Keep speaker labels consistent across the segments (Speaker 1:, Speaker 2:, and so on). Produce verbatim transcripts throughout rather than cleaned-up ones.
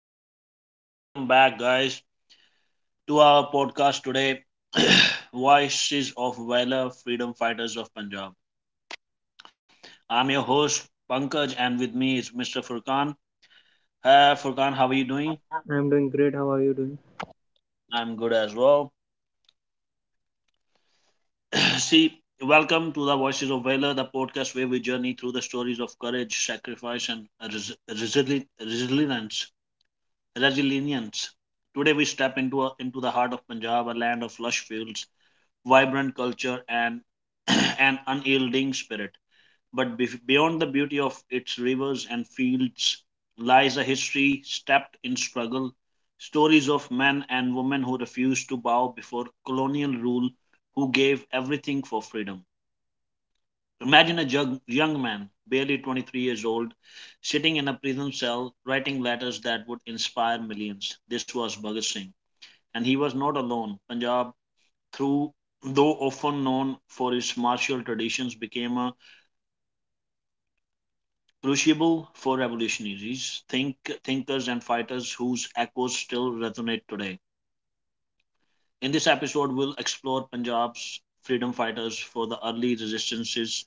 Speaker 1: Hi, and welcome back, guys, to our podcast today, Voices of Valor, Freedom Fighters of Punjab. I'm your host, Pankaj, and with me is Mister Furkan. Uh, Furkan, how are you doing?
Speaker 2: I'm doing great. How are you doing?
Speaker 1: I'm good as well. See, welcome to the Voices of Valor, the podcast where we journey through the stories of courage, sacrifice, and res- resili- resilience. Resilience. Today we step into a, into the heart of Punjab, a land of lush fields, vibrant culture, and an unyielding spirit. But bef- beyond the beauty of its rivers and fields lies a history steeped in struggle, stories of men and women who refused to bow before colonial rule, who gave everything for freedom. Imagine a jug- young man, barely twenty-three years old, sitting in a prison cell, writing letters that would inspire millions. This was Bhagat Singh. And he was not alone. Punjab, through though often known for its martial traditions, became uh, crucible for revolutionaries, think, thinkers, and fighters whose echoes still resonate today. In this episode, we'll explore Punjab's freedom fighters for the early resistances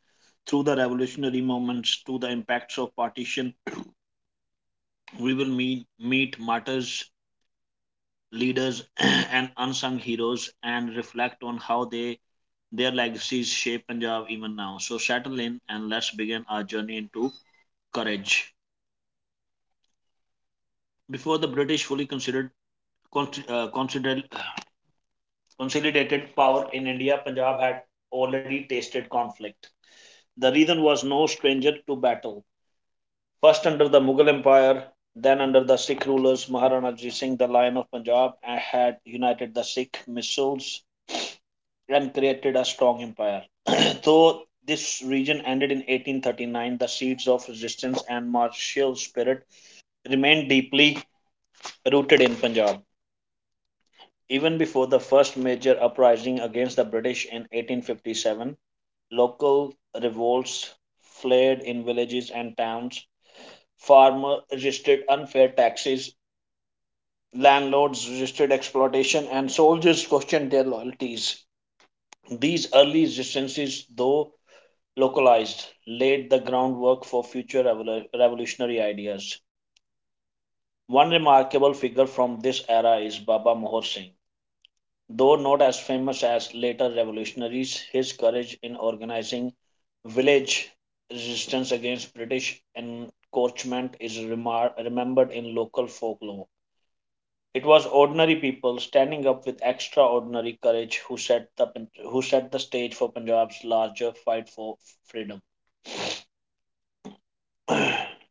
Speaker 1: through the revolutionary movements to the impacts of partition. We will meet, meet martyrs, leaders, and unsung heroes, and reflect on how they their legacies shape Punjab even now. So settle in and let's begin our journey into courage. Before the British fully considered consi- uh, considered consolidated power in India, Punjab had already tasted conflict. The region was no stranger to battle. First under the Mughal Empire, then under the Sikh rulers, Maharana Jit Singh, the Lion of Punjab, had united the Sikh missiles and created a strong empire. Though this region ended in eighteen thirty-nine, the seeds of resistance and martial spirit remained deeply rooted in Punjab. Even before the first major uprising against the British in eighteen fifty-seven, local revolts flared in villages and towns. Farmers resisted unfair taxes, landlords resisted exploitation, and soldiers questioned their loyalties. These early resistances, though localized, laid the groundwork for future revol- revolutionary ideas. One remarkable figure from this era is Baba Mohor Singh. Though not as famous as later revolutionaries, his courage in organizing village resistance against British encroachment is remar- remembered in local folklore. It was ordinary people standing up with extraordinary courage who set the, who set the stage for Punjab's larger fight for freedom.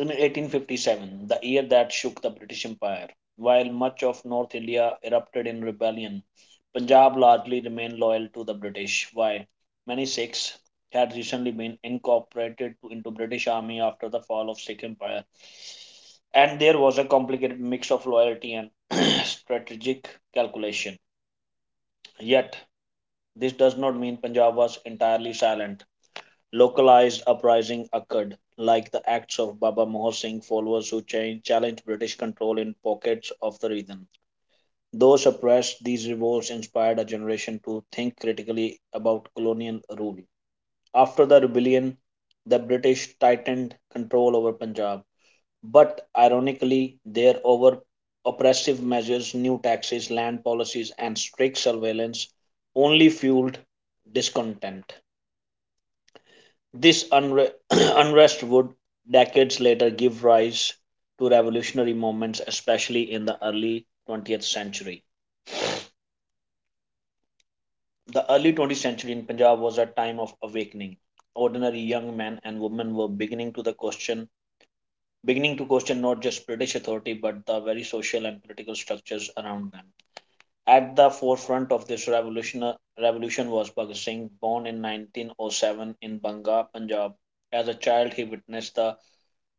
Speaker 1: In eighteen fifty-seven, the year that shook the British Empire, while much of North India erupted in rebellion, Punjab largely remained loyal to the British. Why? Many Sikhs had recently been incorporated into British Army after the fall of Sikh Empire, and there was a complicated mix of loyalty and strategic calculation. Yet, this does not mean Punjab was entirely silent. Localized uprising occurred, like the acts of Baba Mohan Singh followers who challenged British control in pockets of the region. Though suppressed, these revolts inspired a generation to think critically about colonial rule. After the rebellion, the British tightened control over Punjab, but ironically, their over oppressive measures, new taxes, land policies, and strict surveillance only fueled discontent. This unre- unrest would decades later give rise to revolutionary movements, especially in the early twentieth century. The early twentieth century in Punjab was a time of awakening. Ordinary young men and women were beginning to the question, beginning to question not just British authority but the very social and political structures around them. At the forefront of this revolution, revolution was Bhagat Singh, born in nineteen oh seven in Banga, Punjab. As a child, he witnessed the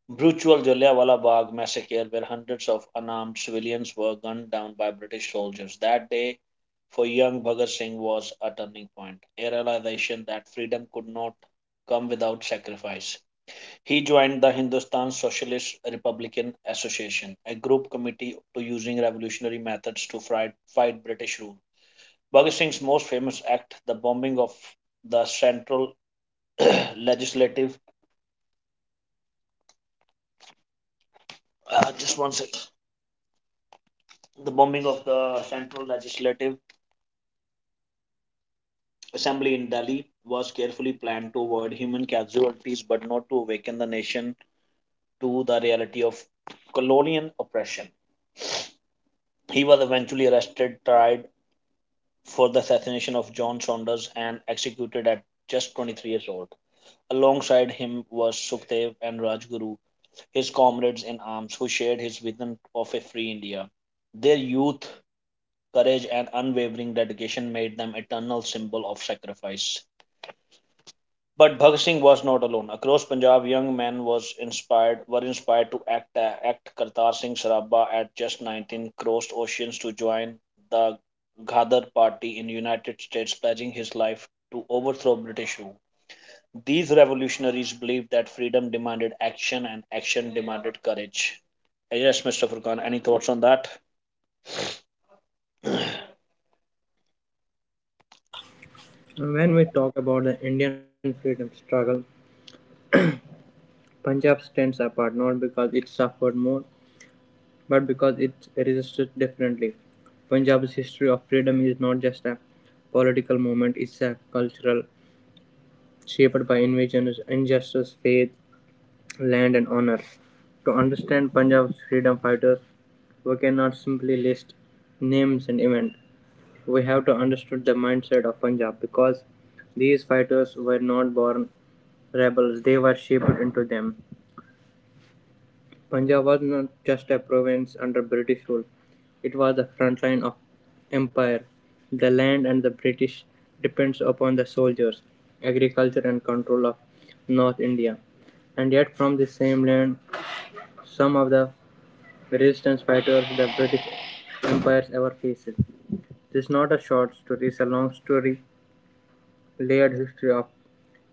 Speaker 1: brutal Jallianwala Bagh massacre, where hundreds of unarmed civilians were gunned down by British soldiers. That day, for young Bhagat Singh, was a turning point, a realization that freedom could not come without sacrifice. He joined the Hindustan Socialist Republican Association, a group committee to using revolutionary methods to fight, fight British rule. Bhagat Singh's most famous act, the bombing of the central legislative, uh, just one second, the bombing of the central legislative assembly in Delhi, was carefully planned to avoid human casualties but not to awaken the nation to the reality of colonial oppression. He was eventually arrested, tried for the assassination of John Saunders, and executed at just twenty-three years old. Alongside him was Sukhdev and Rajguru, his comrades in arms who shared his vision of a free India. Their youth, courage, and unwavering dedication made them eternal symbol of sacrifice. But Bhagat Singh was not alone. Across Punjab, young men was inspired were inspired to act. uh, Act Kartar Singh Sarabha, at just nineteen, crossed oceans to join the Ghadar Party in United States, pledging his life to overthrow British rule. These revolutionaries believed that freedom demanded action and action demanded courage. Yes, Mister Furkan, any thoughts on that?
Speaker 2: When we talk about the Indian freedom struggle, Punjab stands apart not because it suffered more, but because it resisted differently. Punjab's history of freedom is not just a political movement, it's a cultural, shaped by invasions, injustice, faith, land, and honor. To understand Punjab's freedom fighters, we cannot simply list names and events. We have to understand the mindset of Punjab because these fighters were not born rebels, they were shaped into them. Punjab was not just a province under British rule, it was the front line of empire. The land and the British depends upon the soldiers, agriculture and control of North India. And yet from the same land some of the resistance fighters the British empires ever faced. This is not a short story, it's a long story, layered history of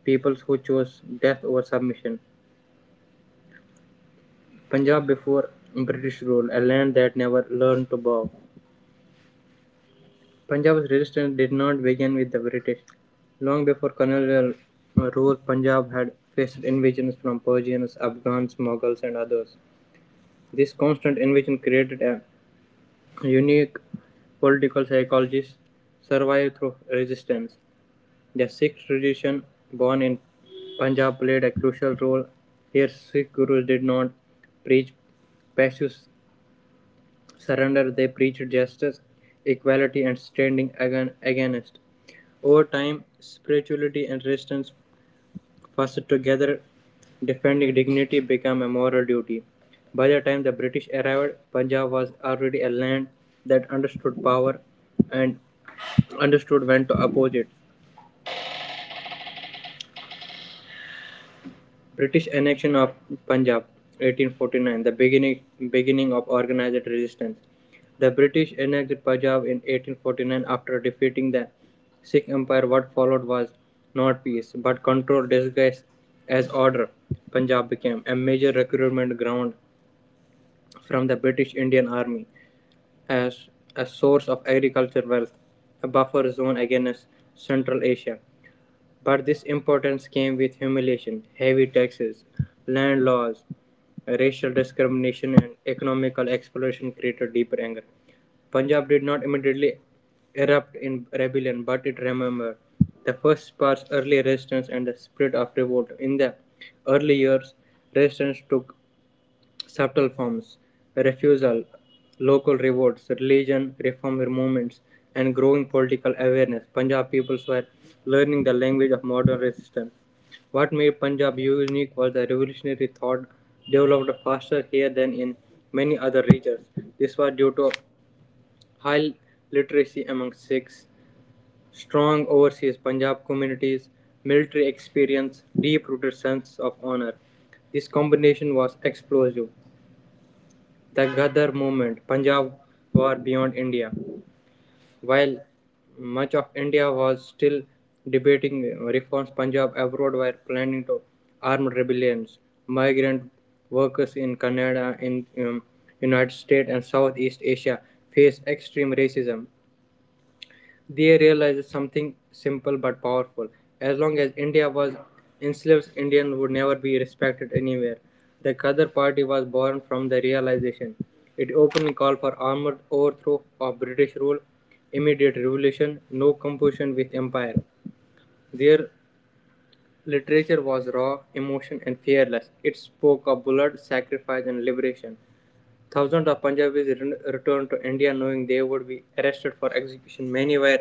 Speaker 2: peoples who chose death over submission. Punjab before British rule, a land that never learned to bow. Punjab's resistance did not begin with the British. Long before colonial rule, Punjab had faced invasions from Persians, Afghans, Mughals, and others. This constant invasion created a unique political psychology survived through resistance. The Sikh tradition born in Punjab played a crucial role. Here, Sikh gurus did not preach passive surrender, they preached justice, equality, and standing agan- against. Over time, spirituality and resistance fused together, defending dignity became a moral duty. By the time the British arrived, Punjab was already a land that understood power and understood when to oppose it. British annexion of Punjab, eighteen forty-nine, the beginning beginning of organized resistance. The British annexed Punjab in eighteen forty-nine after defeating the Sikh Empire what followed was not peace, but control disguised as order. Punjab became a major recruitment ground from the British Indian Army as a source of agricultural wealth, a buffer zone against Central Asia. But this importance came with humiliation, heavy taxes, land laws, racial discrimination, and economical exploitation created deeper anger. Punjab did not immediately erupt in rebellion, but it remembered the first part's early resistance and the spirit of revolt. In the early years, resistance took subtle forms refusal, local revolts, religion reform movements, and growing political awareness. Punjab peoples were learning the language of modern resistance. What made Punjab unique was the revolutionary thought developed faster here than in many other regions. This was due to high literacy among Sikhs, strong overseas Punjab communities, military experience, deep-rooted sense of honor. This combination was explosive. The Ghadar movement, Punjab war beyond India. While much of India was still debating reforms, Punjab abroad were planning to armed rebellions, migrant workers in Canada, in um, United States and Southeast Asia faced extreme racism. They realized something simple but powerful: as long as India was enslaved, Indians would never be respected anywhere. The Ghadir Party was born from the realization. It openly called for armed overthrow of British rule, immediate revolution, no compulsion with empire. Their literature was raw, emotion, and fearless. It spoke of blood, sacrifice, and liberation. Thousands of Punjabis returned to India knowing they would be arrested for execution. Many were.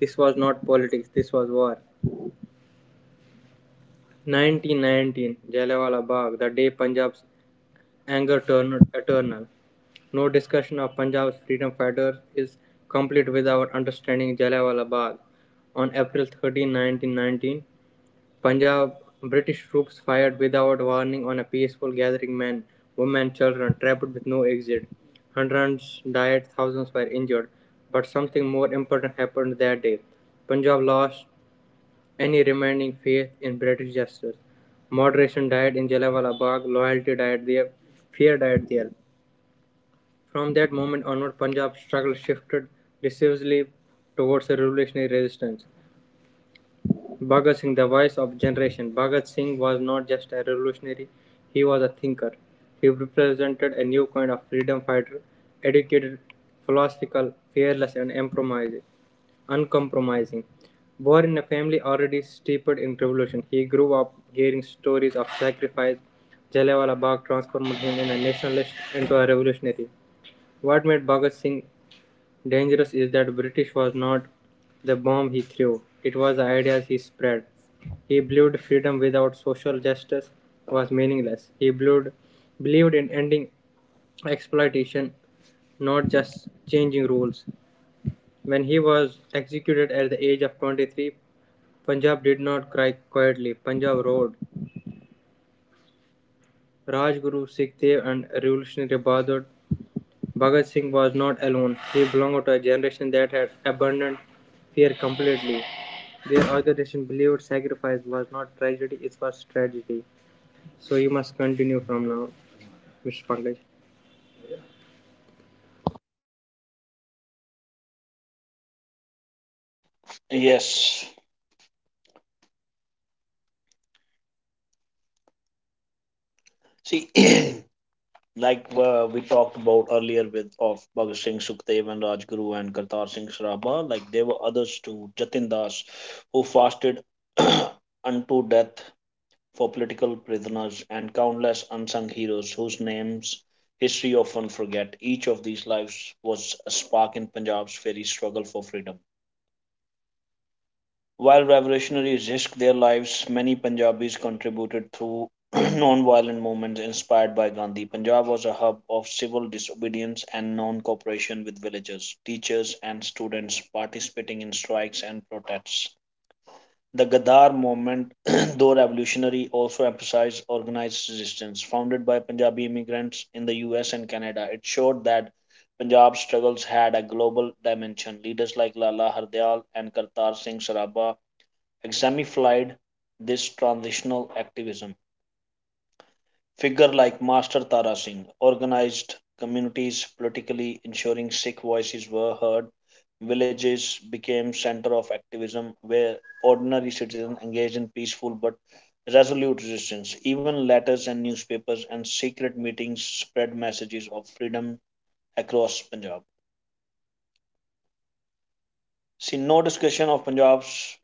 Speaker 2: This was not politics, this was war. nineteen nineteen, Jallianwala Bagh, the day Punjab's anger turned eternal. No discussion of Punjab's freedom fighters is complete without understanding Jallianwala Bagh. On April thirteenth, nineteen nineteen, Punjab British troops fired without warning on a peaceful gathering men, women, children trapped with no exit. Hundreds died, thousands were injured. But something more important happened that day. Punjab lost any remaining faith in British justice. Moderation died in Jallianwala Bagh, loyalty died there, fear died there. From that moment onward, Punjab's struggle shifted decisively towards a revolutionary resistance. Bhagat Singh, the voice of generation, Bhagat Singh was not just a revolutionary, he was a thinker. He represented a new kind of freedom fighter, educated, philosophical, fearless and uncompromising. Born in a family already steeped in revolution, he grew up hearing stories of sacrifice. Jallianwala Bagh transformed him in a nationalist into a revolutionary. What made Bhagat Singh Dangerous is that British was not the bomb he threw, it was the ideas he spread. He believed freedom without social justice was meaningless. He believed, believed in ending exploitation, not just changing rules. When he was executed at the age of twenty-three, Punjab did not cry quietly. Punjab roared. Rajguru, Sikh Dev, and revolutionary Bahadur Bhagat Singh was not alone; he belonged to a generation that had abandoned fear completely. Their organization believed sacrifice was not tragedy, it was tragedy. So you must continue from now, mister Pankaj.
Speaker 1: Yes. See, like uh, we talked about earlier with of Bhagat Singh Sukhdev and Rajguru and Kartar Singh Saraba, like there were others too, Jatin Das, who fasted unto death for political prisoners and countless unsung heroes whose names history often forget. Each of these lives was a spark in Punjab's very struggle for freedom. While revolutionaries risked their lives, many Punjabis contributed through non-violent movements inspired by Gandhi. Punjab was a hub of civil disobedience and non-cooperation with villagers, teachers, and students participating in strikes and protests. The Ghadar movement, though revolutionary, also emphasized organized resistance. Founded by Punjabi immigrants in the U S and Canada, it showed that Punjab's struggles had a global dimension. Leaders like Lala Hardyal and Kartar Singh Saraba exemplified this transitional activism. Figure like Master Tara Singh organized communities politically, ensuring Sikh voices were heard. Villages became center of activism where ordinary citizens engaged in peaceful but resolute resistance. Even letters and newspapers and secret meetings spread messages of freedom across Punjab. See, no discussion of Punjab's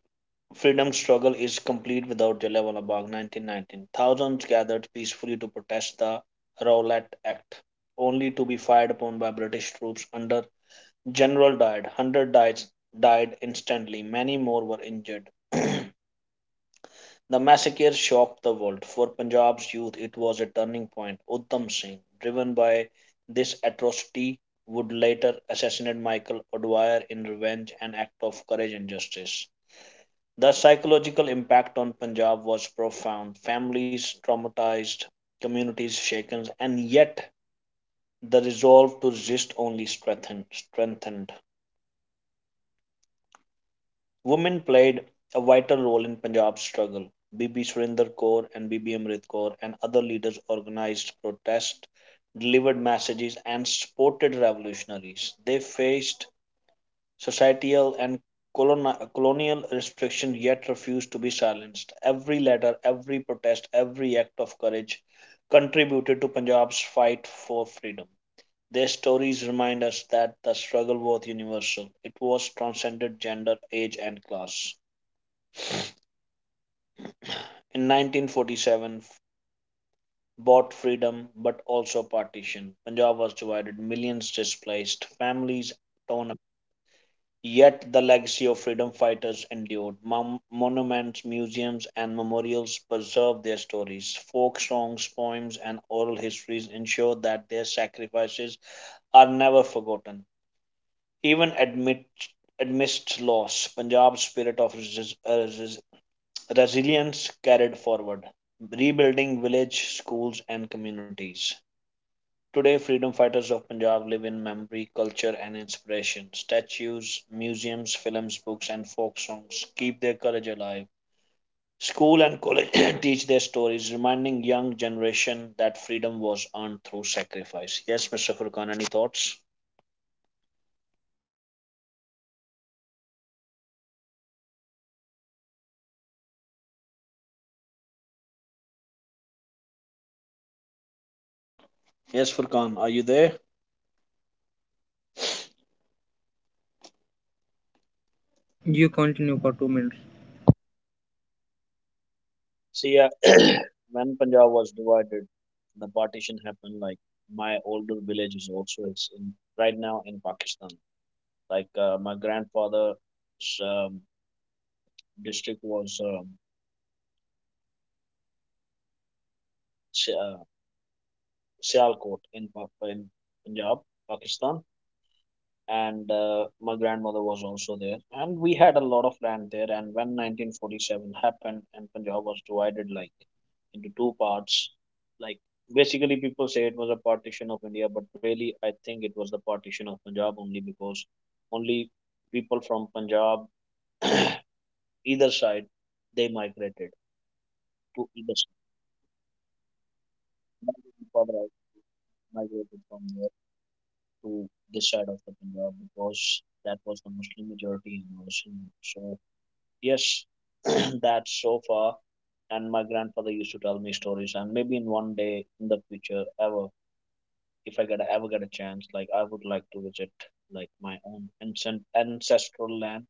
Speaker 1: freedom struggle is complete without Jallianwala Bagh nineteen nineteen. Thousands gathered peacefully to protest the Rowlatt Act, only to be fired upon by British troops under General Dyer. Hundred died, died instantly. Many more were injured. The massacre shocked the world. For Punjab's youth, it was a turning point. Udham Singh, driven by this atrocity, would later assassinate Michael O'Dwyer in revenge, an act of courage and justice. The psychological impact on Punjab was profound. Families traumatized, communities shaken, and yet the resolve to resist only strengthened. strengthened. Women played a vital role in Punjab's struggle. Bibi Surinder Kaur and Bibi Amrit Kaur and other leaders organized protests, delivered messages, and supported revolutionaries. They faced societal and coloni- colonial restriction yet refused to be silenced. Every letter, every protest, every act of courage contributed to Punjab's fight for freedom. Their stories remind us that the struggle was universal. It was transcended gender, age, and class. In nineteen forty-seven, bought freedom but also partition. Punjab was divided, millions displaced, families torn. Yet the legacy of freedom fighters endured. Mon- monuments, museums, and memorials preserve their stories. Folk songs, poems, and oral histories ensure that their sacrifices are never forgotten. Even amid amidst loss, Punjab's spirit of resi- uh, resi- resilience carried forward, rebuilding village, schools, and communities. Today, freedom fighters of Punjab live in memory, culture, and inspiration. Statues, museums, films, books, and folk songs keep their courage alive. School and college teach their stories, reminding young generation that freedom was earned through sacrifice. Yes, Mister Furkan, any thoughts? Yes, Furkan, are you there?
Speaker 2: You continue for two minutes.
Speaker 1: See, uh, when Punjab was divided, the partition happened. Like my older village is also is in right now in Pakistan. Like uh, my grandfather district was um, Si- uh, Sialkot in Pa- in Punjab, Pakistan, and uh, my grandmother was also there, and we had a lot of land there. And when nineteen forty-seven happened, and Punjab was divided like into two parts, like basically people say it was a partition of India, but really I think it was the partition of Punjab only because only people from Punjab either side they migrated to either side. My grandfather migrated from to this side of the Punjab because that was the Muslim majority in our Sindh. So yes, that's so far. And my grandfather used to tell me stories, and maybe in one day in the future, ever if I get a, ever get a chance, like I would like to visit like my own ancient ancestral land.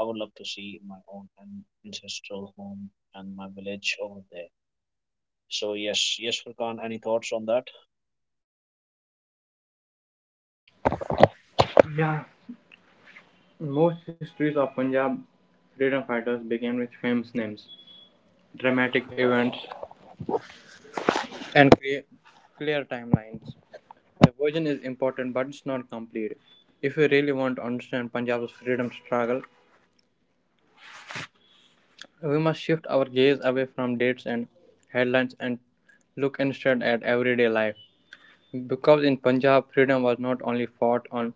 Speaker 1: I would love to see my own an- ancestral home and my village over there. So yes, yes, Furkan, any thoughts on that?
Speaker 2: Yeah, most histories of Punjab freedom fighters began with famous names, dramatic events, and clear, clear timelines. The version is important but it's not complete. If you really want to understand Punjab's freedom struggle, we must shift our gaze away from dates and headlines and look instead at everyday life. Because in Punjab, freedom was not only fought on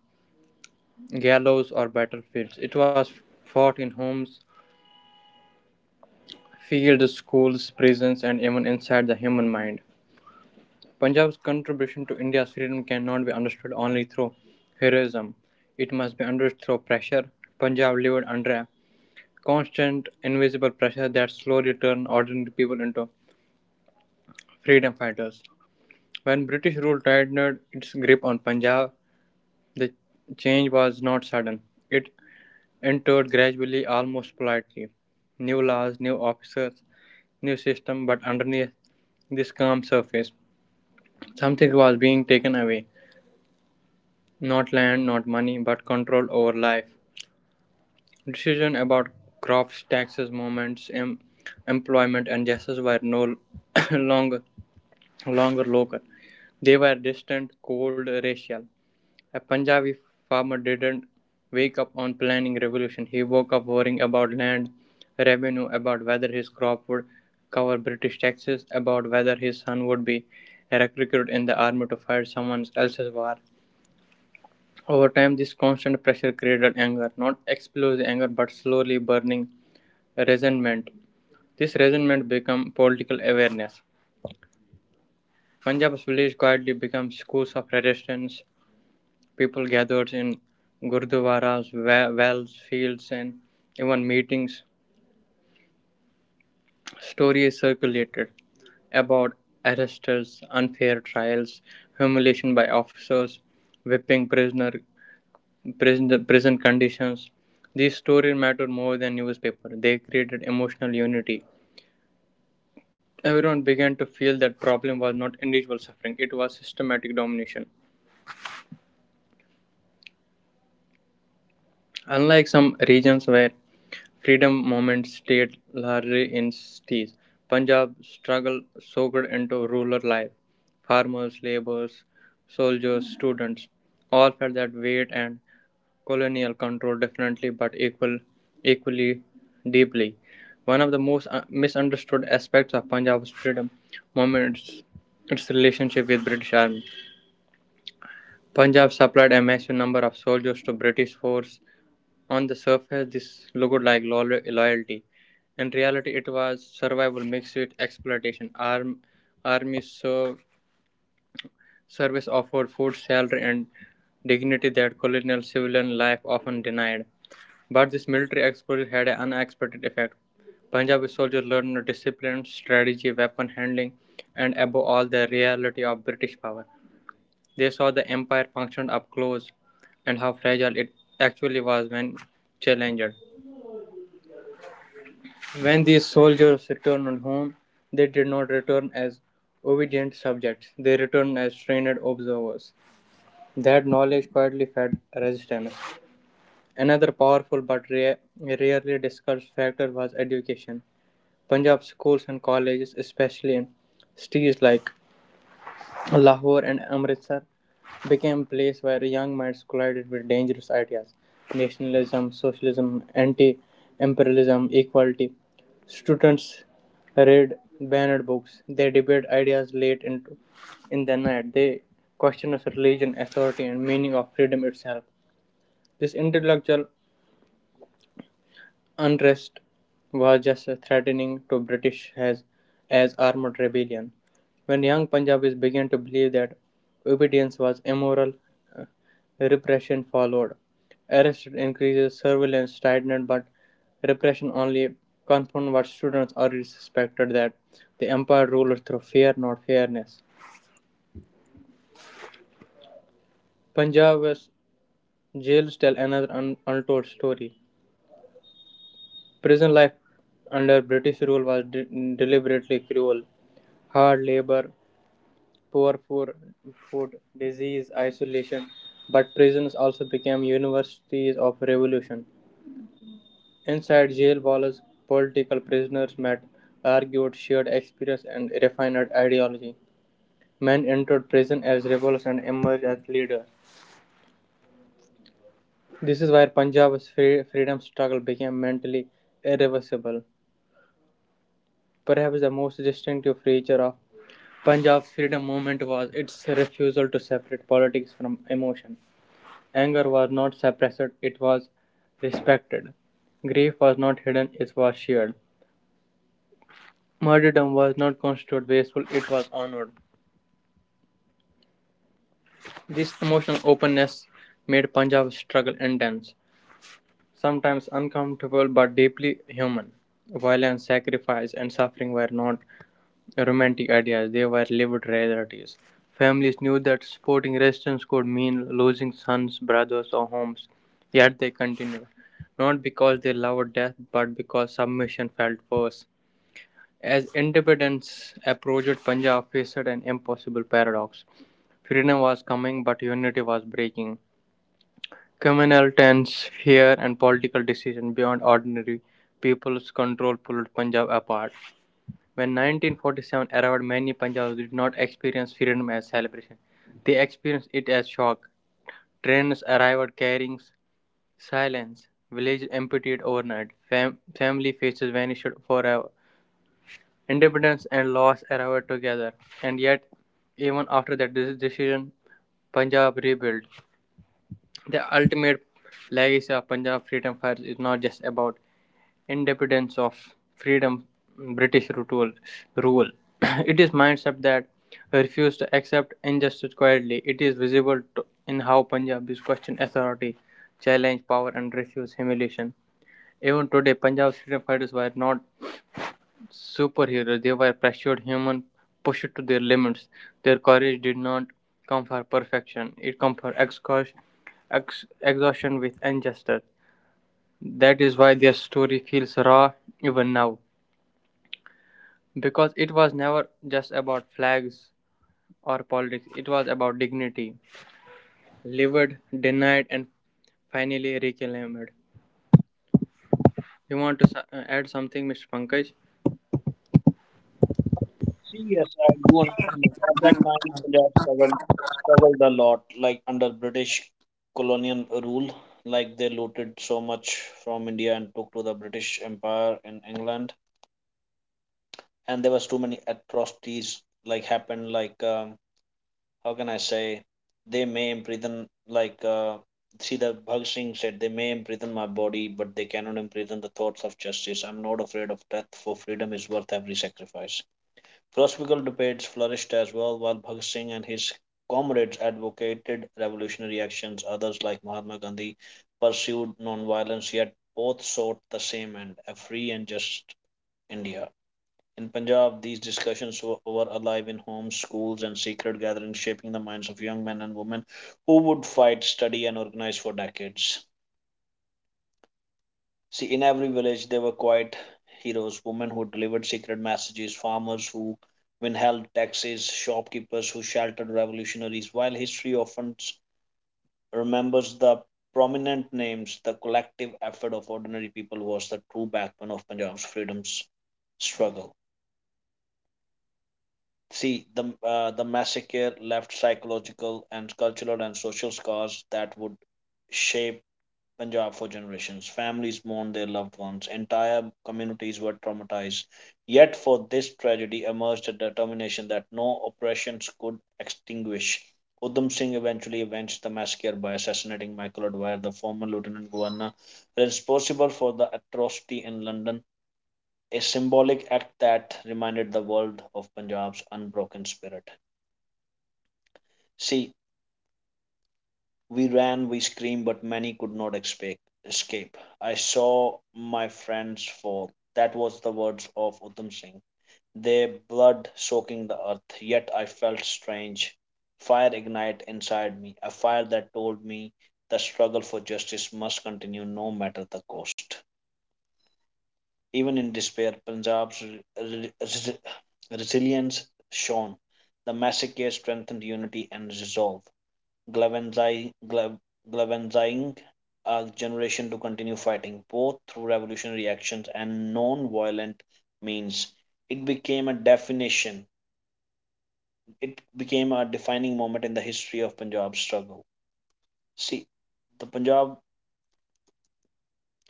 Speaker 2: gallows or battlefields, it was fought in homes, fields, schools, prisons, and even inside the human mind. Punjab's contribution to India's freedom cannot be understood only through heroism, it must be understood through pressure. Punjab lived under a constant, invisible pressure that slowly turned ordinary people into freedom fighters. When British rule tightened its grip on Punjab, the change was not sudden. It entered gradually, almost politely. New laws, new officers, new system, but underneath this calm surface, something was being taken away. Not land, not money, but control over life. Decisions about crops, taxes, movements, em- employment, and justice were no longer, longer local. They were distant, cold, racial. A Punjabi farmer didn't wake up on planning revolution. He woke up worrying about land revenue, about whether his crop would cover British taxes, about whether his son would be recruited in the army to fight someone else's war. Over time, this constant pressure created anger, not explosive anger, but slowly burning resentment. This resentment became political awareness. Punjab's village quietly became schools of resistance. People gathered in gurdwaras, wells, fields, and even meetings. Stories circulated about arrests, unfair trials, humiliation by officers, whipping prisoner, prison, prison conditions. These stories mattered more than newspaper. They created emotional unity. Everyone began to feel that problem was not individual suffering; it was systematic domination. Unlike some regions where freedom movement stayed largely in cities. Punjab struggle soaked into rural life. Farmers, laborers, soldiers, students all felt that weight and colonial control differently but equal, equally deeply. One of the most uh, misunderstood aspects of Punjab's freedom movement is its relationship with British Army. Punjab supplied a massive number of soldiers to British force on the surface, this looked like lo- loyalty. In reality, it was survival mixed with exploitation. Arm, army serve, service offered food, salary, and dignity that colonial civilian life often denied. But this military exposure had an unexpected effect. Punjabi soldiers learned discipline, strategy, weapon handling, and above all, the reality of British power. They saw the empire functioned up close and how fragile it actually was when challenged. When these soldiers returned home, they did not return as obedient subjects, they returned as trained observers. That knowledge quietly fed resistance. Another powerful but rea- rarely discussed factor was education. Punjab schools and colleges, especially in cities like Lahore and Amritsar, became a place where young minds collided with dangerous ideas nationalism, socialism, anti imperialism, equality. Students read banned books, they debate ideas late into, in the night, they question religion, authority, and meaning of freedom itself. This intellectual unrest was just threatening to British as, as armed rebellion. When young Punjabis began to believe that obedience was immoral, uh, repression followed. Arrest increases, surveillance tightened, but repression only confirmed what students already suspected that the empire ruled through fear, not fairness. Punjab's jails tell another un- untold story. Prison life under British rule was de- deliberately cruel. Hard labor, poor food, food, disease, isolation. But prisons also became universities of revolution. Inside jail walls, political prisoners met, argued, shared experience, and refined ideology. Men entered prison as rebels and emerged as leaders. This is where Punjab's free- freedom struggle became mentally irreversible. Perhaps the most distinctive feature of Punjab's freedom movement was its refusal to separate politics from emotion. Anger was not suppressed, it was respected. Grief was not hidden, it was shared. Martyrdom was not constituted wasteful, it was honored. This emotional openness made Punjab's struggle intense, sometimes uncomfortable but deeply human. Violence, sacrifice, and suffering were not romantic ideas. They were lived realities. Families knew that supporting resistance could mean losing sons, brothers, or homes. Yet they continued, not because they loved death, but because submission felt worse. As independence approached, Punjab faced an impossible paradox. Freedom was coming, but unity was breaking. Communal tense, fear, and political decision beyond ordinary people's control pulled Punjab apart. When nineteen forty-seven arrived, many Punjabis did not experience freedom as celebration. They experienced it as shock. Trains arrived carrying silence. Villages emptied overnight. Fam- family faces vanished forever. Independence and loss arrived together. And yet, even after that dec- decision, Punjab rebuilt. The ultimate legacy of Punjab freedom fighters is not just about independence of freedom British rule. rule. It is mindset that refused to accept injustice quietly. It is visible to, in how Punjabis question authority, challenge power, and refuse humiliation. Even today, Punjab's freedom fighters were not superheroes. They were pressured human, pushed to their limits. Their courage did not come for perfection. It came for exhaustion, ex- exhaustion with injustice. That is why their story feels raw even now. Because it was never just about flags or politics, it was about dignity. Livid, denied, and finally reclaimed. You want to s- uh, add something, Mister Pankaj?
Speaker 1: See, yes, I do understand that. At that time, India struggled, struggled a lot, like under British colonial rule. Like they looted so much from India and took to the British Empire in England. And there was too many atrocities like happened. Like um, how can I say? They may imprison like uh, see the Bhag Singh said they may imprison my body, but they cannot imprison the thoughts of justice. I'm not afraid of death, for freedom is worth every sacrifice. Philosophical debates flourished as well, while Bhagat Singh and his comrades advocated revolutionary actions. Others, like Mahatma Gandhi, pursued nonviolence, yet both sought the same end, a free and just India. In Punjab, these discussions were, were alive in homes, schools, and secret gatherings, shaping the minds of young men and women who would fight, study, and organize for decades. See, in every village, there were quiet heroes, women who delivered secret messages, farmers who withheld taxes, shopkeepers who sheltered revolutionaries. While history often s- remembers the prominent names, the collective effort of ordinary people was the true backbone of Punjab's freedom's struggle. See, the, uh, the massacre left psychological and cultural and social scars that would shape Punjab for generations. Families mourned their loved ones. Entire communities were traumatized. Yet, for this tragedy emerged a determination that no oppressions could extinguish. Udham Singh eventually avenged the massacre by assassinating Michael O'Dwyer, the former lieutenant governor responsible for the atrocity in London, a symbolic act that reminded the world of Punjab's unbroken spirit. See, we ran, we screamed, but many could not expect, escape. I saw my friends fall. That was the words of Udham Singh, their blood soaking the earth. Yet I felt strange. Fire ignited inside me, a fire that told me the struggle for justice must continue no matter the cost. Even in despair, Punjab's re- re- resilience shone. The massacre strengthened unity and resolve, galvanizing a generation to continue fighting, both through revolutionary actions and non-violent means. It became a definition. It became a defining moment in the history of Punjab struggle. See, the Punjab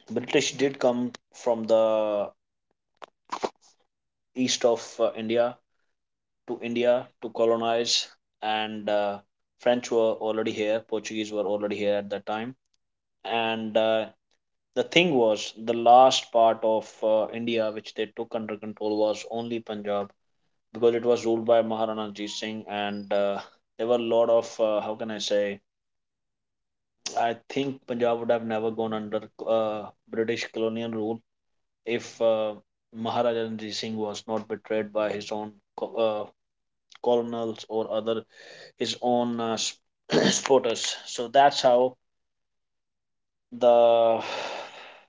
Speaker 1: British did come from the east of uh, India to India to colonize, and uh, French were already here, Portuguese were already here at that time, and uh, the thing was the last part of uh, India which they took under control was only Punjab because it was ruled by Maharana Jeet Singh. And uh, there were a lot of uh, how can I say, I think Punjab would have never gone under uh, British colonial rule if uh, Maharaja Ranjit Singh was not betrayed by his own co- uh, colonels or other his own uh, supporters. So that's how the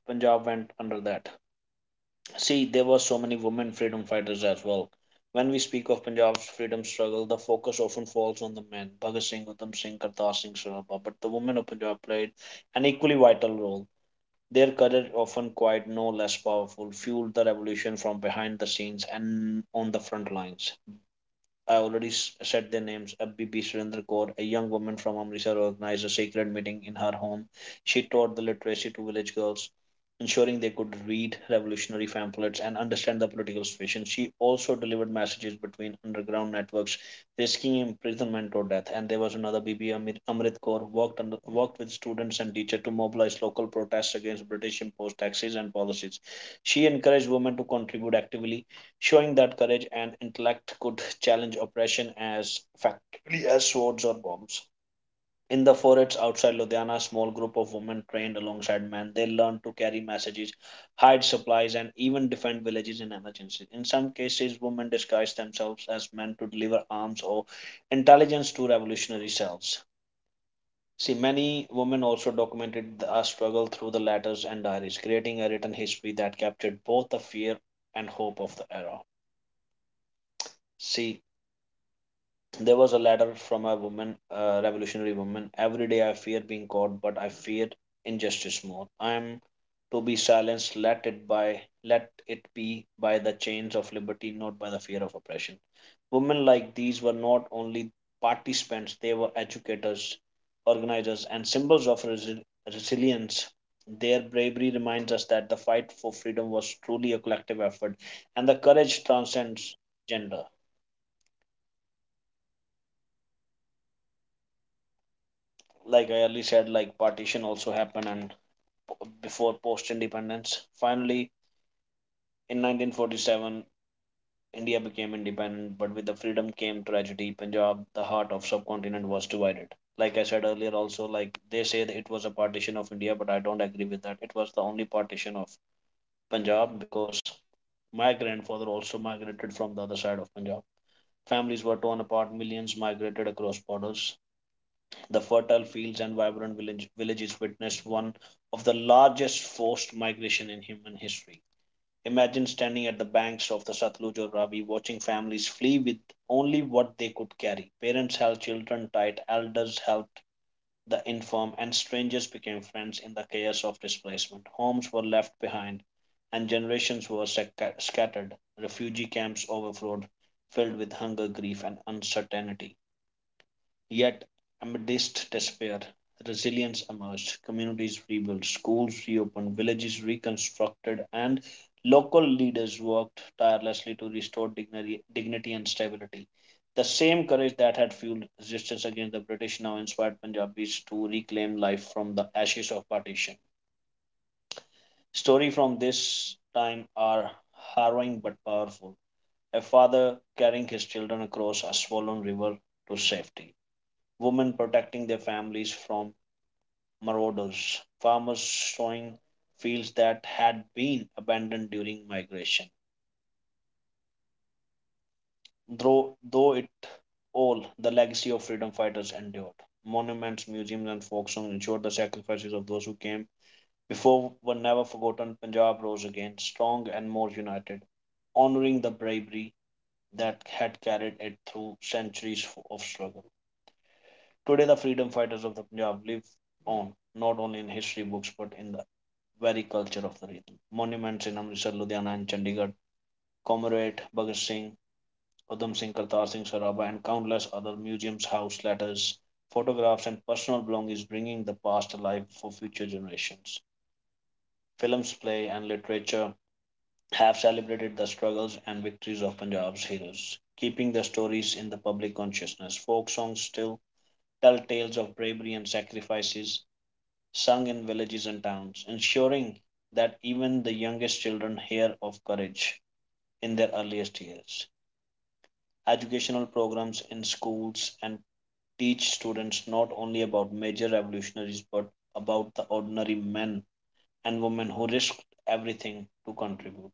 Speaker 1: Punjab went under that. See, there were so many women freedom fighters as well. When we speak of Punjab's freedom struggle, the focus often falls on the men, Bhagat Singh, Udham Singh, Kartar Singh, Sarabha, but the women of Punjab played an equally vital role. Their courage, often quite no less powerful, fueled the revolution from behind the scenes and on the front lines. I already s- said their names. A B B Surendra Kaur, a young woman from Amritsar, organized a sacred meeting in her home. She taught the literacy to village girls, ensuring they could read revolutionary pamphlets and understand the political situation. She also delivered messages between underground networks, risking imprisonment or death. And there was another B B Amir, Amrit Kaur, worked, under, worked with students and teachers to mobilize local protests against British imposed taxes and policies. She encouraged women to contribute actively, showing that courage and intellect could challenge oppression as effectively as swords or bombs. In the forests outside Ludhiana, a small group of women trained alongside men. They learned to carry messages, hide supplies, and even defend villages in emergencies. In some cases, women disguised themselves as men to deliver arms or intelligence to revolutionary cells. See, many women also documented the struggle through the letters and diaries, creating a written history that captured both the fear and hope of the era. See, there was a letter from a woman, a revolutionary woman. Every day I fear being caught, but I fear injustice more. I am to be silenced. Let it by let it be by the chains of liberty, not by the fear of oppression. Women like these were not only participants; they were educators, organizers, and symbols of resi- resilience. Their bravery reminds us that the fight for freedom was truly a collective effort, and the courage transcends gender. Like I earlier said, like partition also happened and before post independence. Finally, in nineteen forty-seven, India became independent, but with the freedom came tragedy. Punjab, the heart of subcontinent, was divided. Like I said earlier, also like they say that it was a partition of India, but I don't agree with that. It was the only partition of Punjab because my grandfather also migrated from the other side of Punjab. Families were torn apart, millions migrated across borders. The fertile fields and vibrant village, villages witnessed one of the largest forced migration in human history. Imagine standing at the banks of the Satluj or Ravi, watching families flee with only what they could carry. Parents held children tight, elders helped the infirm, and strangers became friends in the chaos of displacement. Homes were left behind, and generations were sac- scattered. Refugee camps overflowed, filled with hunger, grief, and uncertainty. Yet, amidst despair, resilience emerged. Communities rebuilt, schools reopened, villages reconstructed, and local leaders worked tirelessly to restore dignity, dignity and stability. The same courage that had fueled resistance against the British now inspired Punjabis to reclaim life from the ashes of partition. Stories from this time are harrowing but powerful. A father carrying his children across a swollen river to safety, women protecting their families from marauders, farmers sowing fields that had been abandoned during migration. Though, though it all, the legacy of freedom fighters endured. Monuments, museums, and folk songs ensured the sacrifices of those who came before were never forgotten. Punjab rose again, strong and more united, honoring the bravery that had carried it through centuries of struggle. Today, the freedom fighters of the Punjab live on not only in history books but in the very culture of the region. Monuments in Amritsar, Ludhiana, and Chandigarh commemorate Bhagat Singh, Udham Singh, Kartar Singh Saraba, and countless other museums, house letters, photographs, and personal belongings, bringing the past alive for future generations. Films, play, and literature have celebrated the struggles and victories of Punjab's heroes, keeping their stories in the public consciousness. Folk songs still tell tales of bravery and sacrifices, sung in villages and towns, ensuring that even the youngest children hear of courage in their earliest years. Educational programs in schools and teach students not only about major revolutionaries but about the ordinary men and women who risked everything to contribute.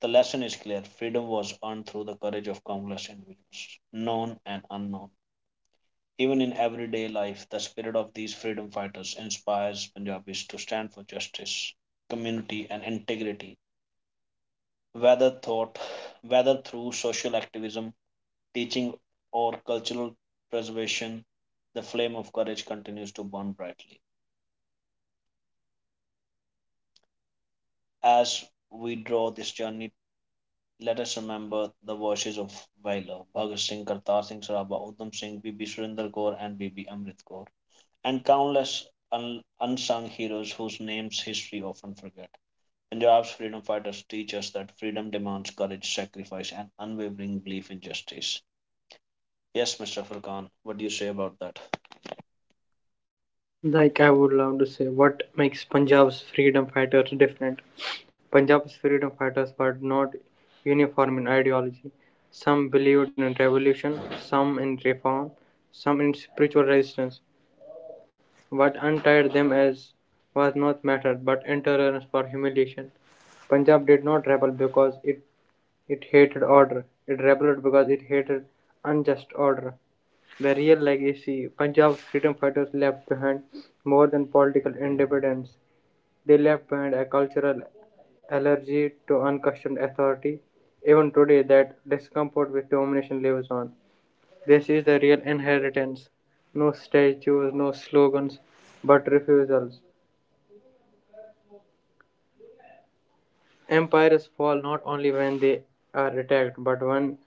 Speaker 1: The lesson is clear, freedom was earned through the courage of countless individuals, known and unknown. Even in everyday life, the spirit of these freedom fighters inspires Punjabis to stand for justice, community, and integrity, whether thought, whether through social activism, teaching, or cultural preservation. The flame of courage continues to burn brightly. As we draw this journey, let us remember the voices of Vaila, Bhagat Singh, Kartar Singh Saraba, Udham Singh, Bibi Surinder Kaur, and Bibi Amrit Kaur, and countless un- unsung heroes whose names history often forget. Punjab's freedom fighters teach us that freedom demands courage, sacrifice, and unwavering belief in justice. Yes, mister Furkan, what do you say about that?
Speaker 2: Like, I would love to say what makes Punjab's freedom fighters different. Punjab's freedom fighters were not uniform in ideology. Some believed in revolution, some in reform, some in spiritual resistance. What untied them as was not matter but intolerance for humiliation. Punjab did not rebel because it, it hated order. It rebelled because it hated unjust order. The real legacy Punjab's freedom fighters left behind more than political independence. They left behind a cultural allergy to unquestioned authority. Even today, that discomfort with domination lives on. This is the real inheritance. No statues, no slogans, but refusals. Empires fall not only when they are attacked, but when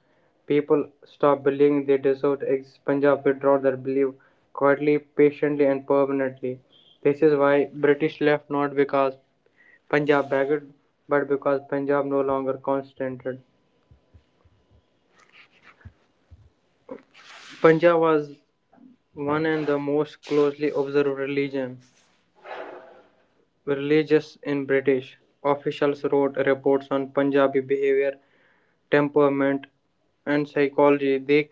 Speaker 2: people stop believing they deserve to exist. Punjab withdraw their belief quietly, patiently, and permanently. This is why British left not because Punjab begged, but because Punjab no longer consented. Punjab was one and the most closely observed religion. Religious in British officials wrote reports on Punjabi behavior, temperament, and psychology. They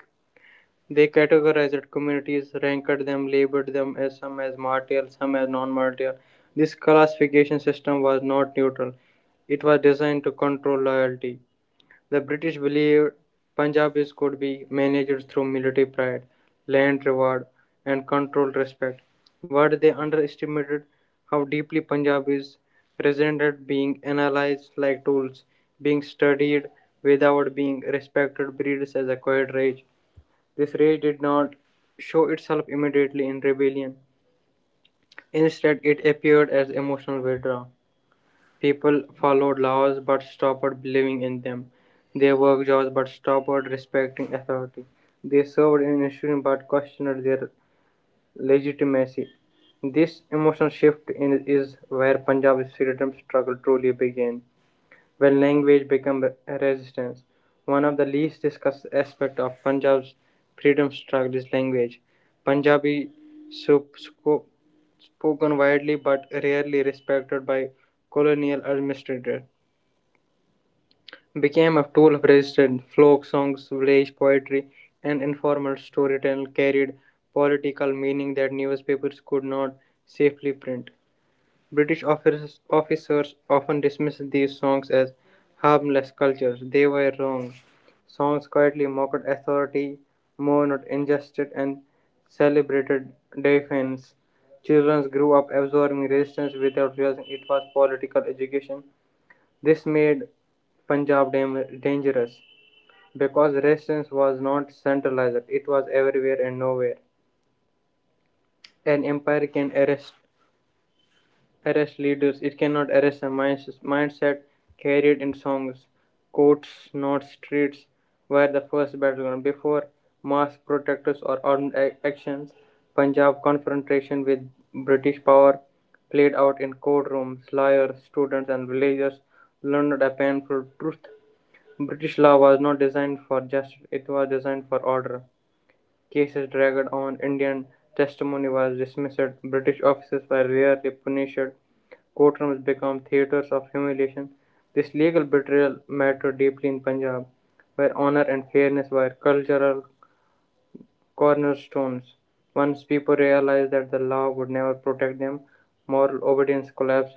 Speaker 2: They categorized communities, ranked them, labeled them as some as martial, some as non-martial. This classification system was not neutral. It was designed to control loyalty. The British believed Punjabis could be managed through military pride, land reward, and controlled respect. But they underestimated how deeply Punjabis resented being analyzed like tools, being studied without being respected breeds as acquired rage. This rage did not show itself immediately in rebellion. Instead, it appeared as emotional withdrawal. People followed laws but stopped believing in them. They worked jobs but stopped respecting authority. They served in institutions but questioned their legitimacy. This emotional shift in, is where Punjab's freedom struggle truly began. When language became resistance, one of the least discussed aspects of Punjab's freedom struggle is language. Punjabi, so spoken widely but rarely respected by colonial administrators, became a tool of resistance. Folk songs, village poetry, and informal storytelling carried political meaning that newspapers could not safely print. British officers, often dismissed these songs as harmless cultures. They were wrong. Songs quietly mocked authority, mourned injustice, and celebrated defiance. Children grew up absorbing resistance without realizing it was political education. This made Punjab dam- dangerous because resistance was not centralized, it was everywhere and nowhere. An empire can arrest arrest leaders, it cannot arrest a mindset, carried in songs, courts, not streets, were the first battleground. Before mass protesters or armed actions, Punjab confrontation with British power played out in courtrooms. Lawyers, students, and villagers learned a painful truth. British law was not designed for justice, it was designed for order. Cases dragged on, Indian testimony was dismissed, British officers were rarely punished, courtrooms become theatres of humiliation. This legal betrayal mattered deeply in Punjab, where honour and fairness were cultural cornerstones. Once people realised that the law would never protect them, moral obedience collapsed.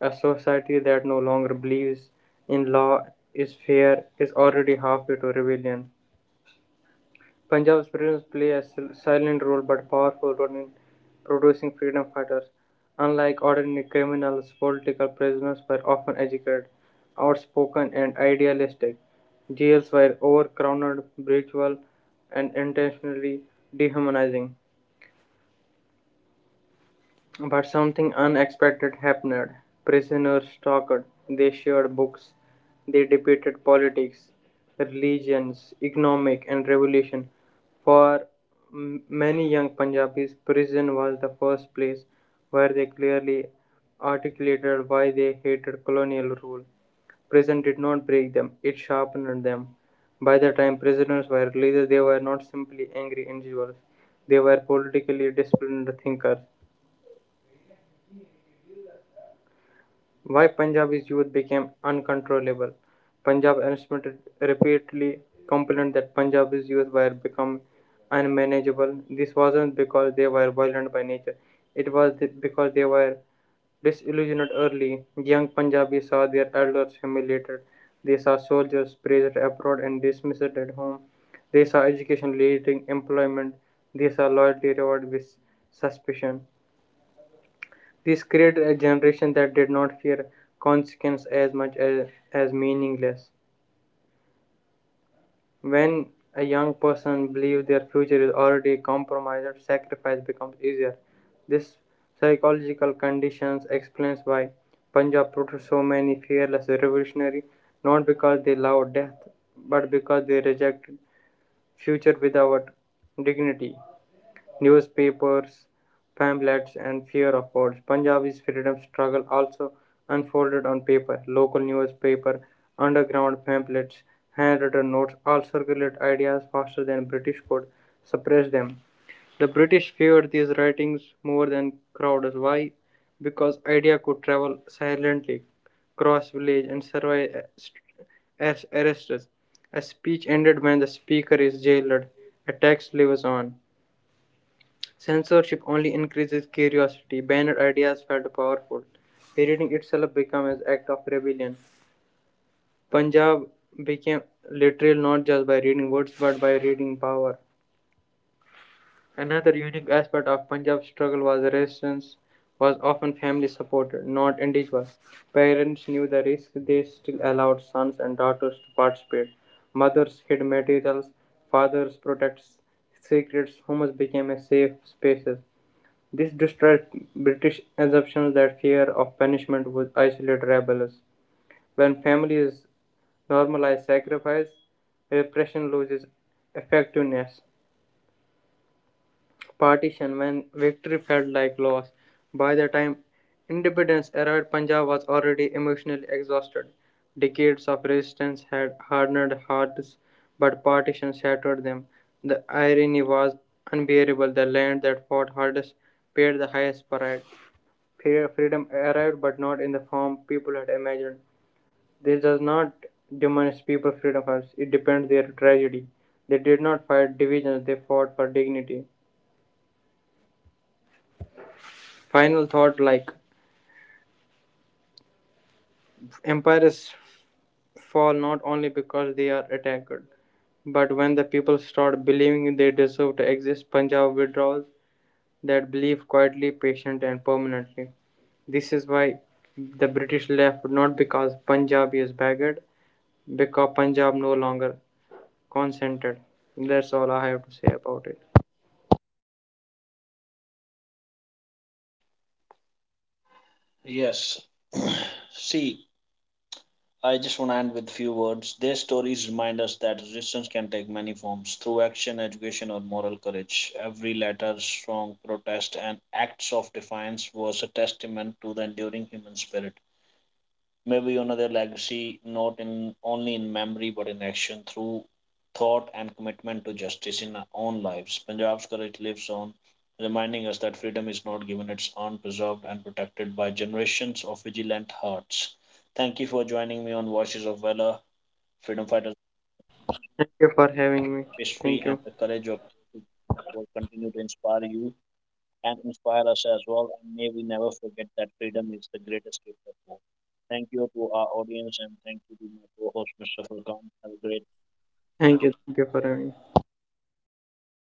Speaker 2: A society that no longer believes in law is fair is already halfway to rebellion. Punjab's prisoners play a silent role but powerful role in producing freedom fighters. Unlike ordinary criminals, political prisoners were often educated, outspoken, and idealistic. Jails were overcrowded, brutal, and intentionally dehumanizing. But something unexpected happened. Prisoners talked, they shared books, they debated politics, religions, economic, and revolution. For many young Punjabis, prison was the first place where they clearly articulated why they hated colonial rule. Prison did not break them, it sharpened them. By the time prisoners were released, they were not simply angry individuals, they were politically disciplined thinkers. Why Punjabi's youth became uncontrollable. Punjab administrators repeatedly complained that Punjabi's youth were becoming unmanageable. This wasn't because they were violent by nature, it was because they were disillusioned early. Young Punjabis saw their elders humiliated, they saw soldiers praised abroad and dismissed at home, they saw education leading employment, they saw loyalty rewarded with suspicion. This created a generation that did not fear consequence as much as, as meaningless. When a young person believes their future is already compromised, sacrifice becomes easier. This psychological conditions explains why Punjab produced so many fearless revolutionaries, not because they loved death, but because they rejected future without dignity. Newspapers, pamphlets, and fear of words. Punjabi's freedom struggle also unfolded on paper. Local newspaper, underground pamphlets, handwritten notes all circulated ideas faster than British could suppress them. The British feared these writings more than crowds. Why? Because idea could travel silently, cross village, and survive uh, as arrests. A speech ended when the speaker is jailed. A text lives on. Censorship only increases curiosity. Banned ideas felt powerful. Reading itself became an act of rebellion. Punjab became literal not just by reading words but by reading power. Another unique aspect of Punjab's struggle was resistance was often family supported, not individual. Parents knew the risk, they still allowed sons and daughters to participate. Mothers hid materials, fathers protected secrets, homes became a safe spaces. This distressed British assumptions that fear of punishment would isolate rebels. When families normalize sacrifice, repression loses effectiveness. Partition, when victory felt like loss. By the time independence arrived, Punjab was already emotionally exhausted. Decades of resistance had hardened hearts, but partition shattered them. The irony was unbearable. The land that fought hardest paid the highest price. Freedom arrived, but not in the form people had imagined. This does not diminish people's freedom, it depends their tragedy. They did not fight divisions, they fought for dignity. Final thought like empires fall not only because they are attacked, but when the people start believing they deserve to exist, Punjab withdraws that belief quietly, patient, and permanently. This is why the British left not because Punjab is begged, because Punjab no longer consented. That's all I have to say about it.
Speaker 1: Yes. See, I just want to end with few words. Their stories remind us that resistance can take many forms through action, education, or moral courage. Every letter, strong protest, and acts of defiance was a testament to the enduring human spirit, maybe another legacy not in only in memory but in action through thought and commitment to justice in our own lives. Punjab's courage lives on, reminding us that freedom is not given, it's earned, preserved, and protected by generations of vigilant hearts. Thank you for joining me on Voices of Valor, freedom fighters,
Speaker 2: Thank you for having me.
Speaker 1: history,
Speaker 2: Thank
Speaker 1: and
Speaker 2: you.
Speaker 1: the courage of it will continue to inspire you and inspire us as well. And may we never forget that freedom is the greatest gift of all. Thank you to our audience and thank you to my co-host, mister Furkan. Have a great
Speaker 2: Thank you. Thank you for having me.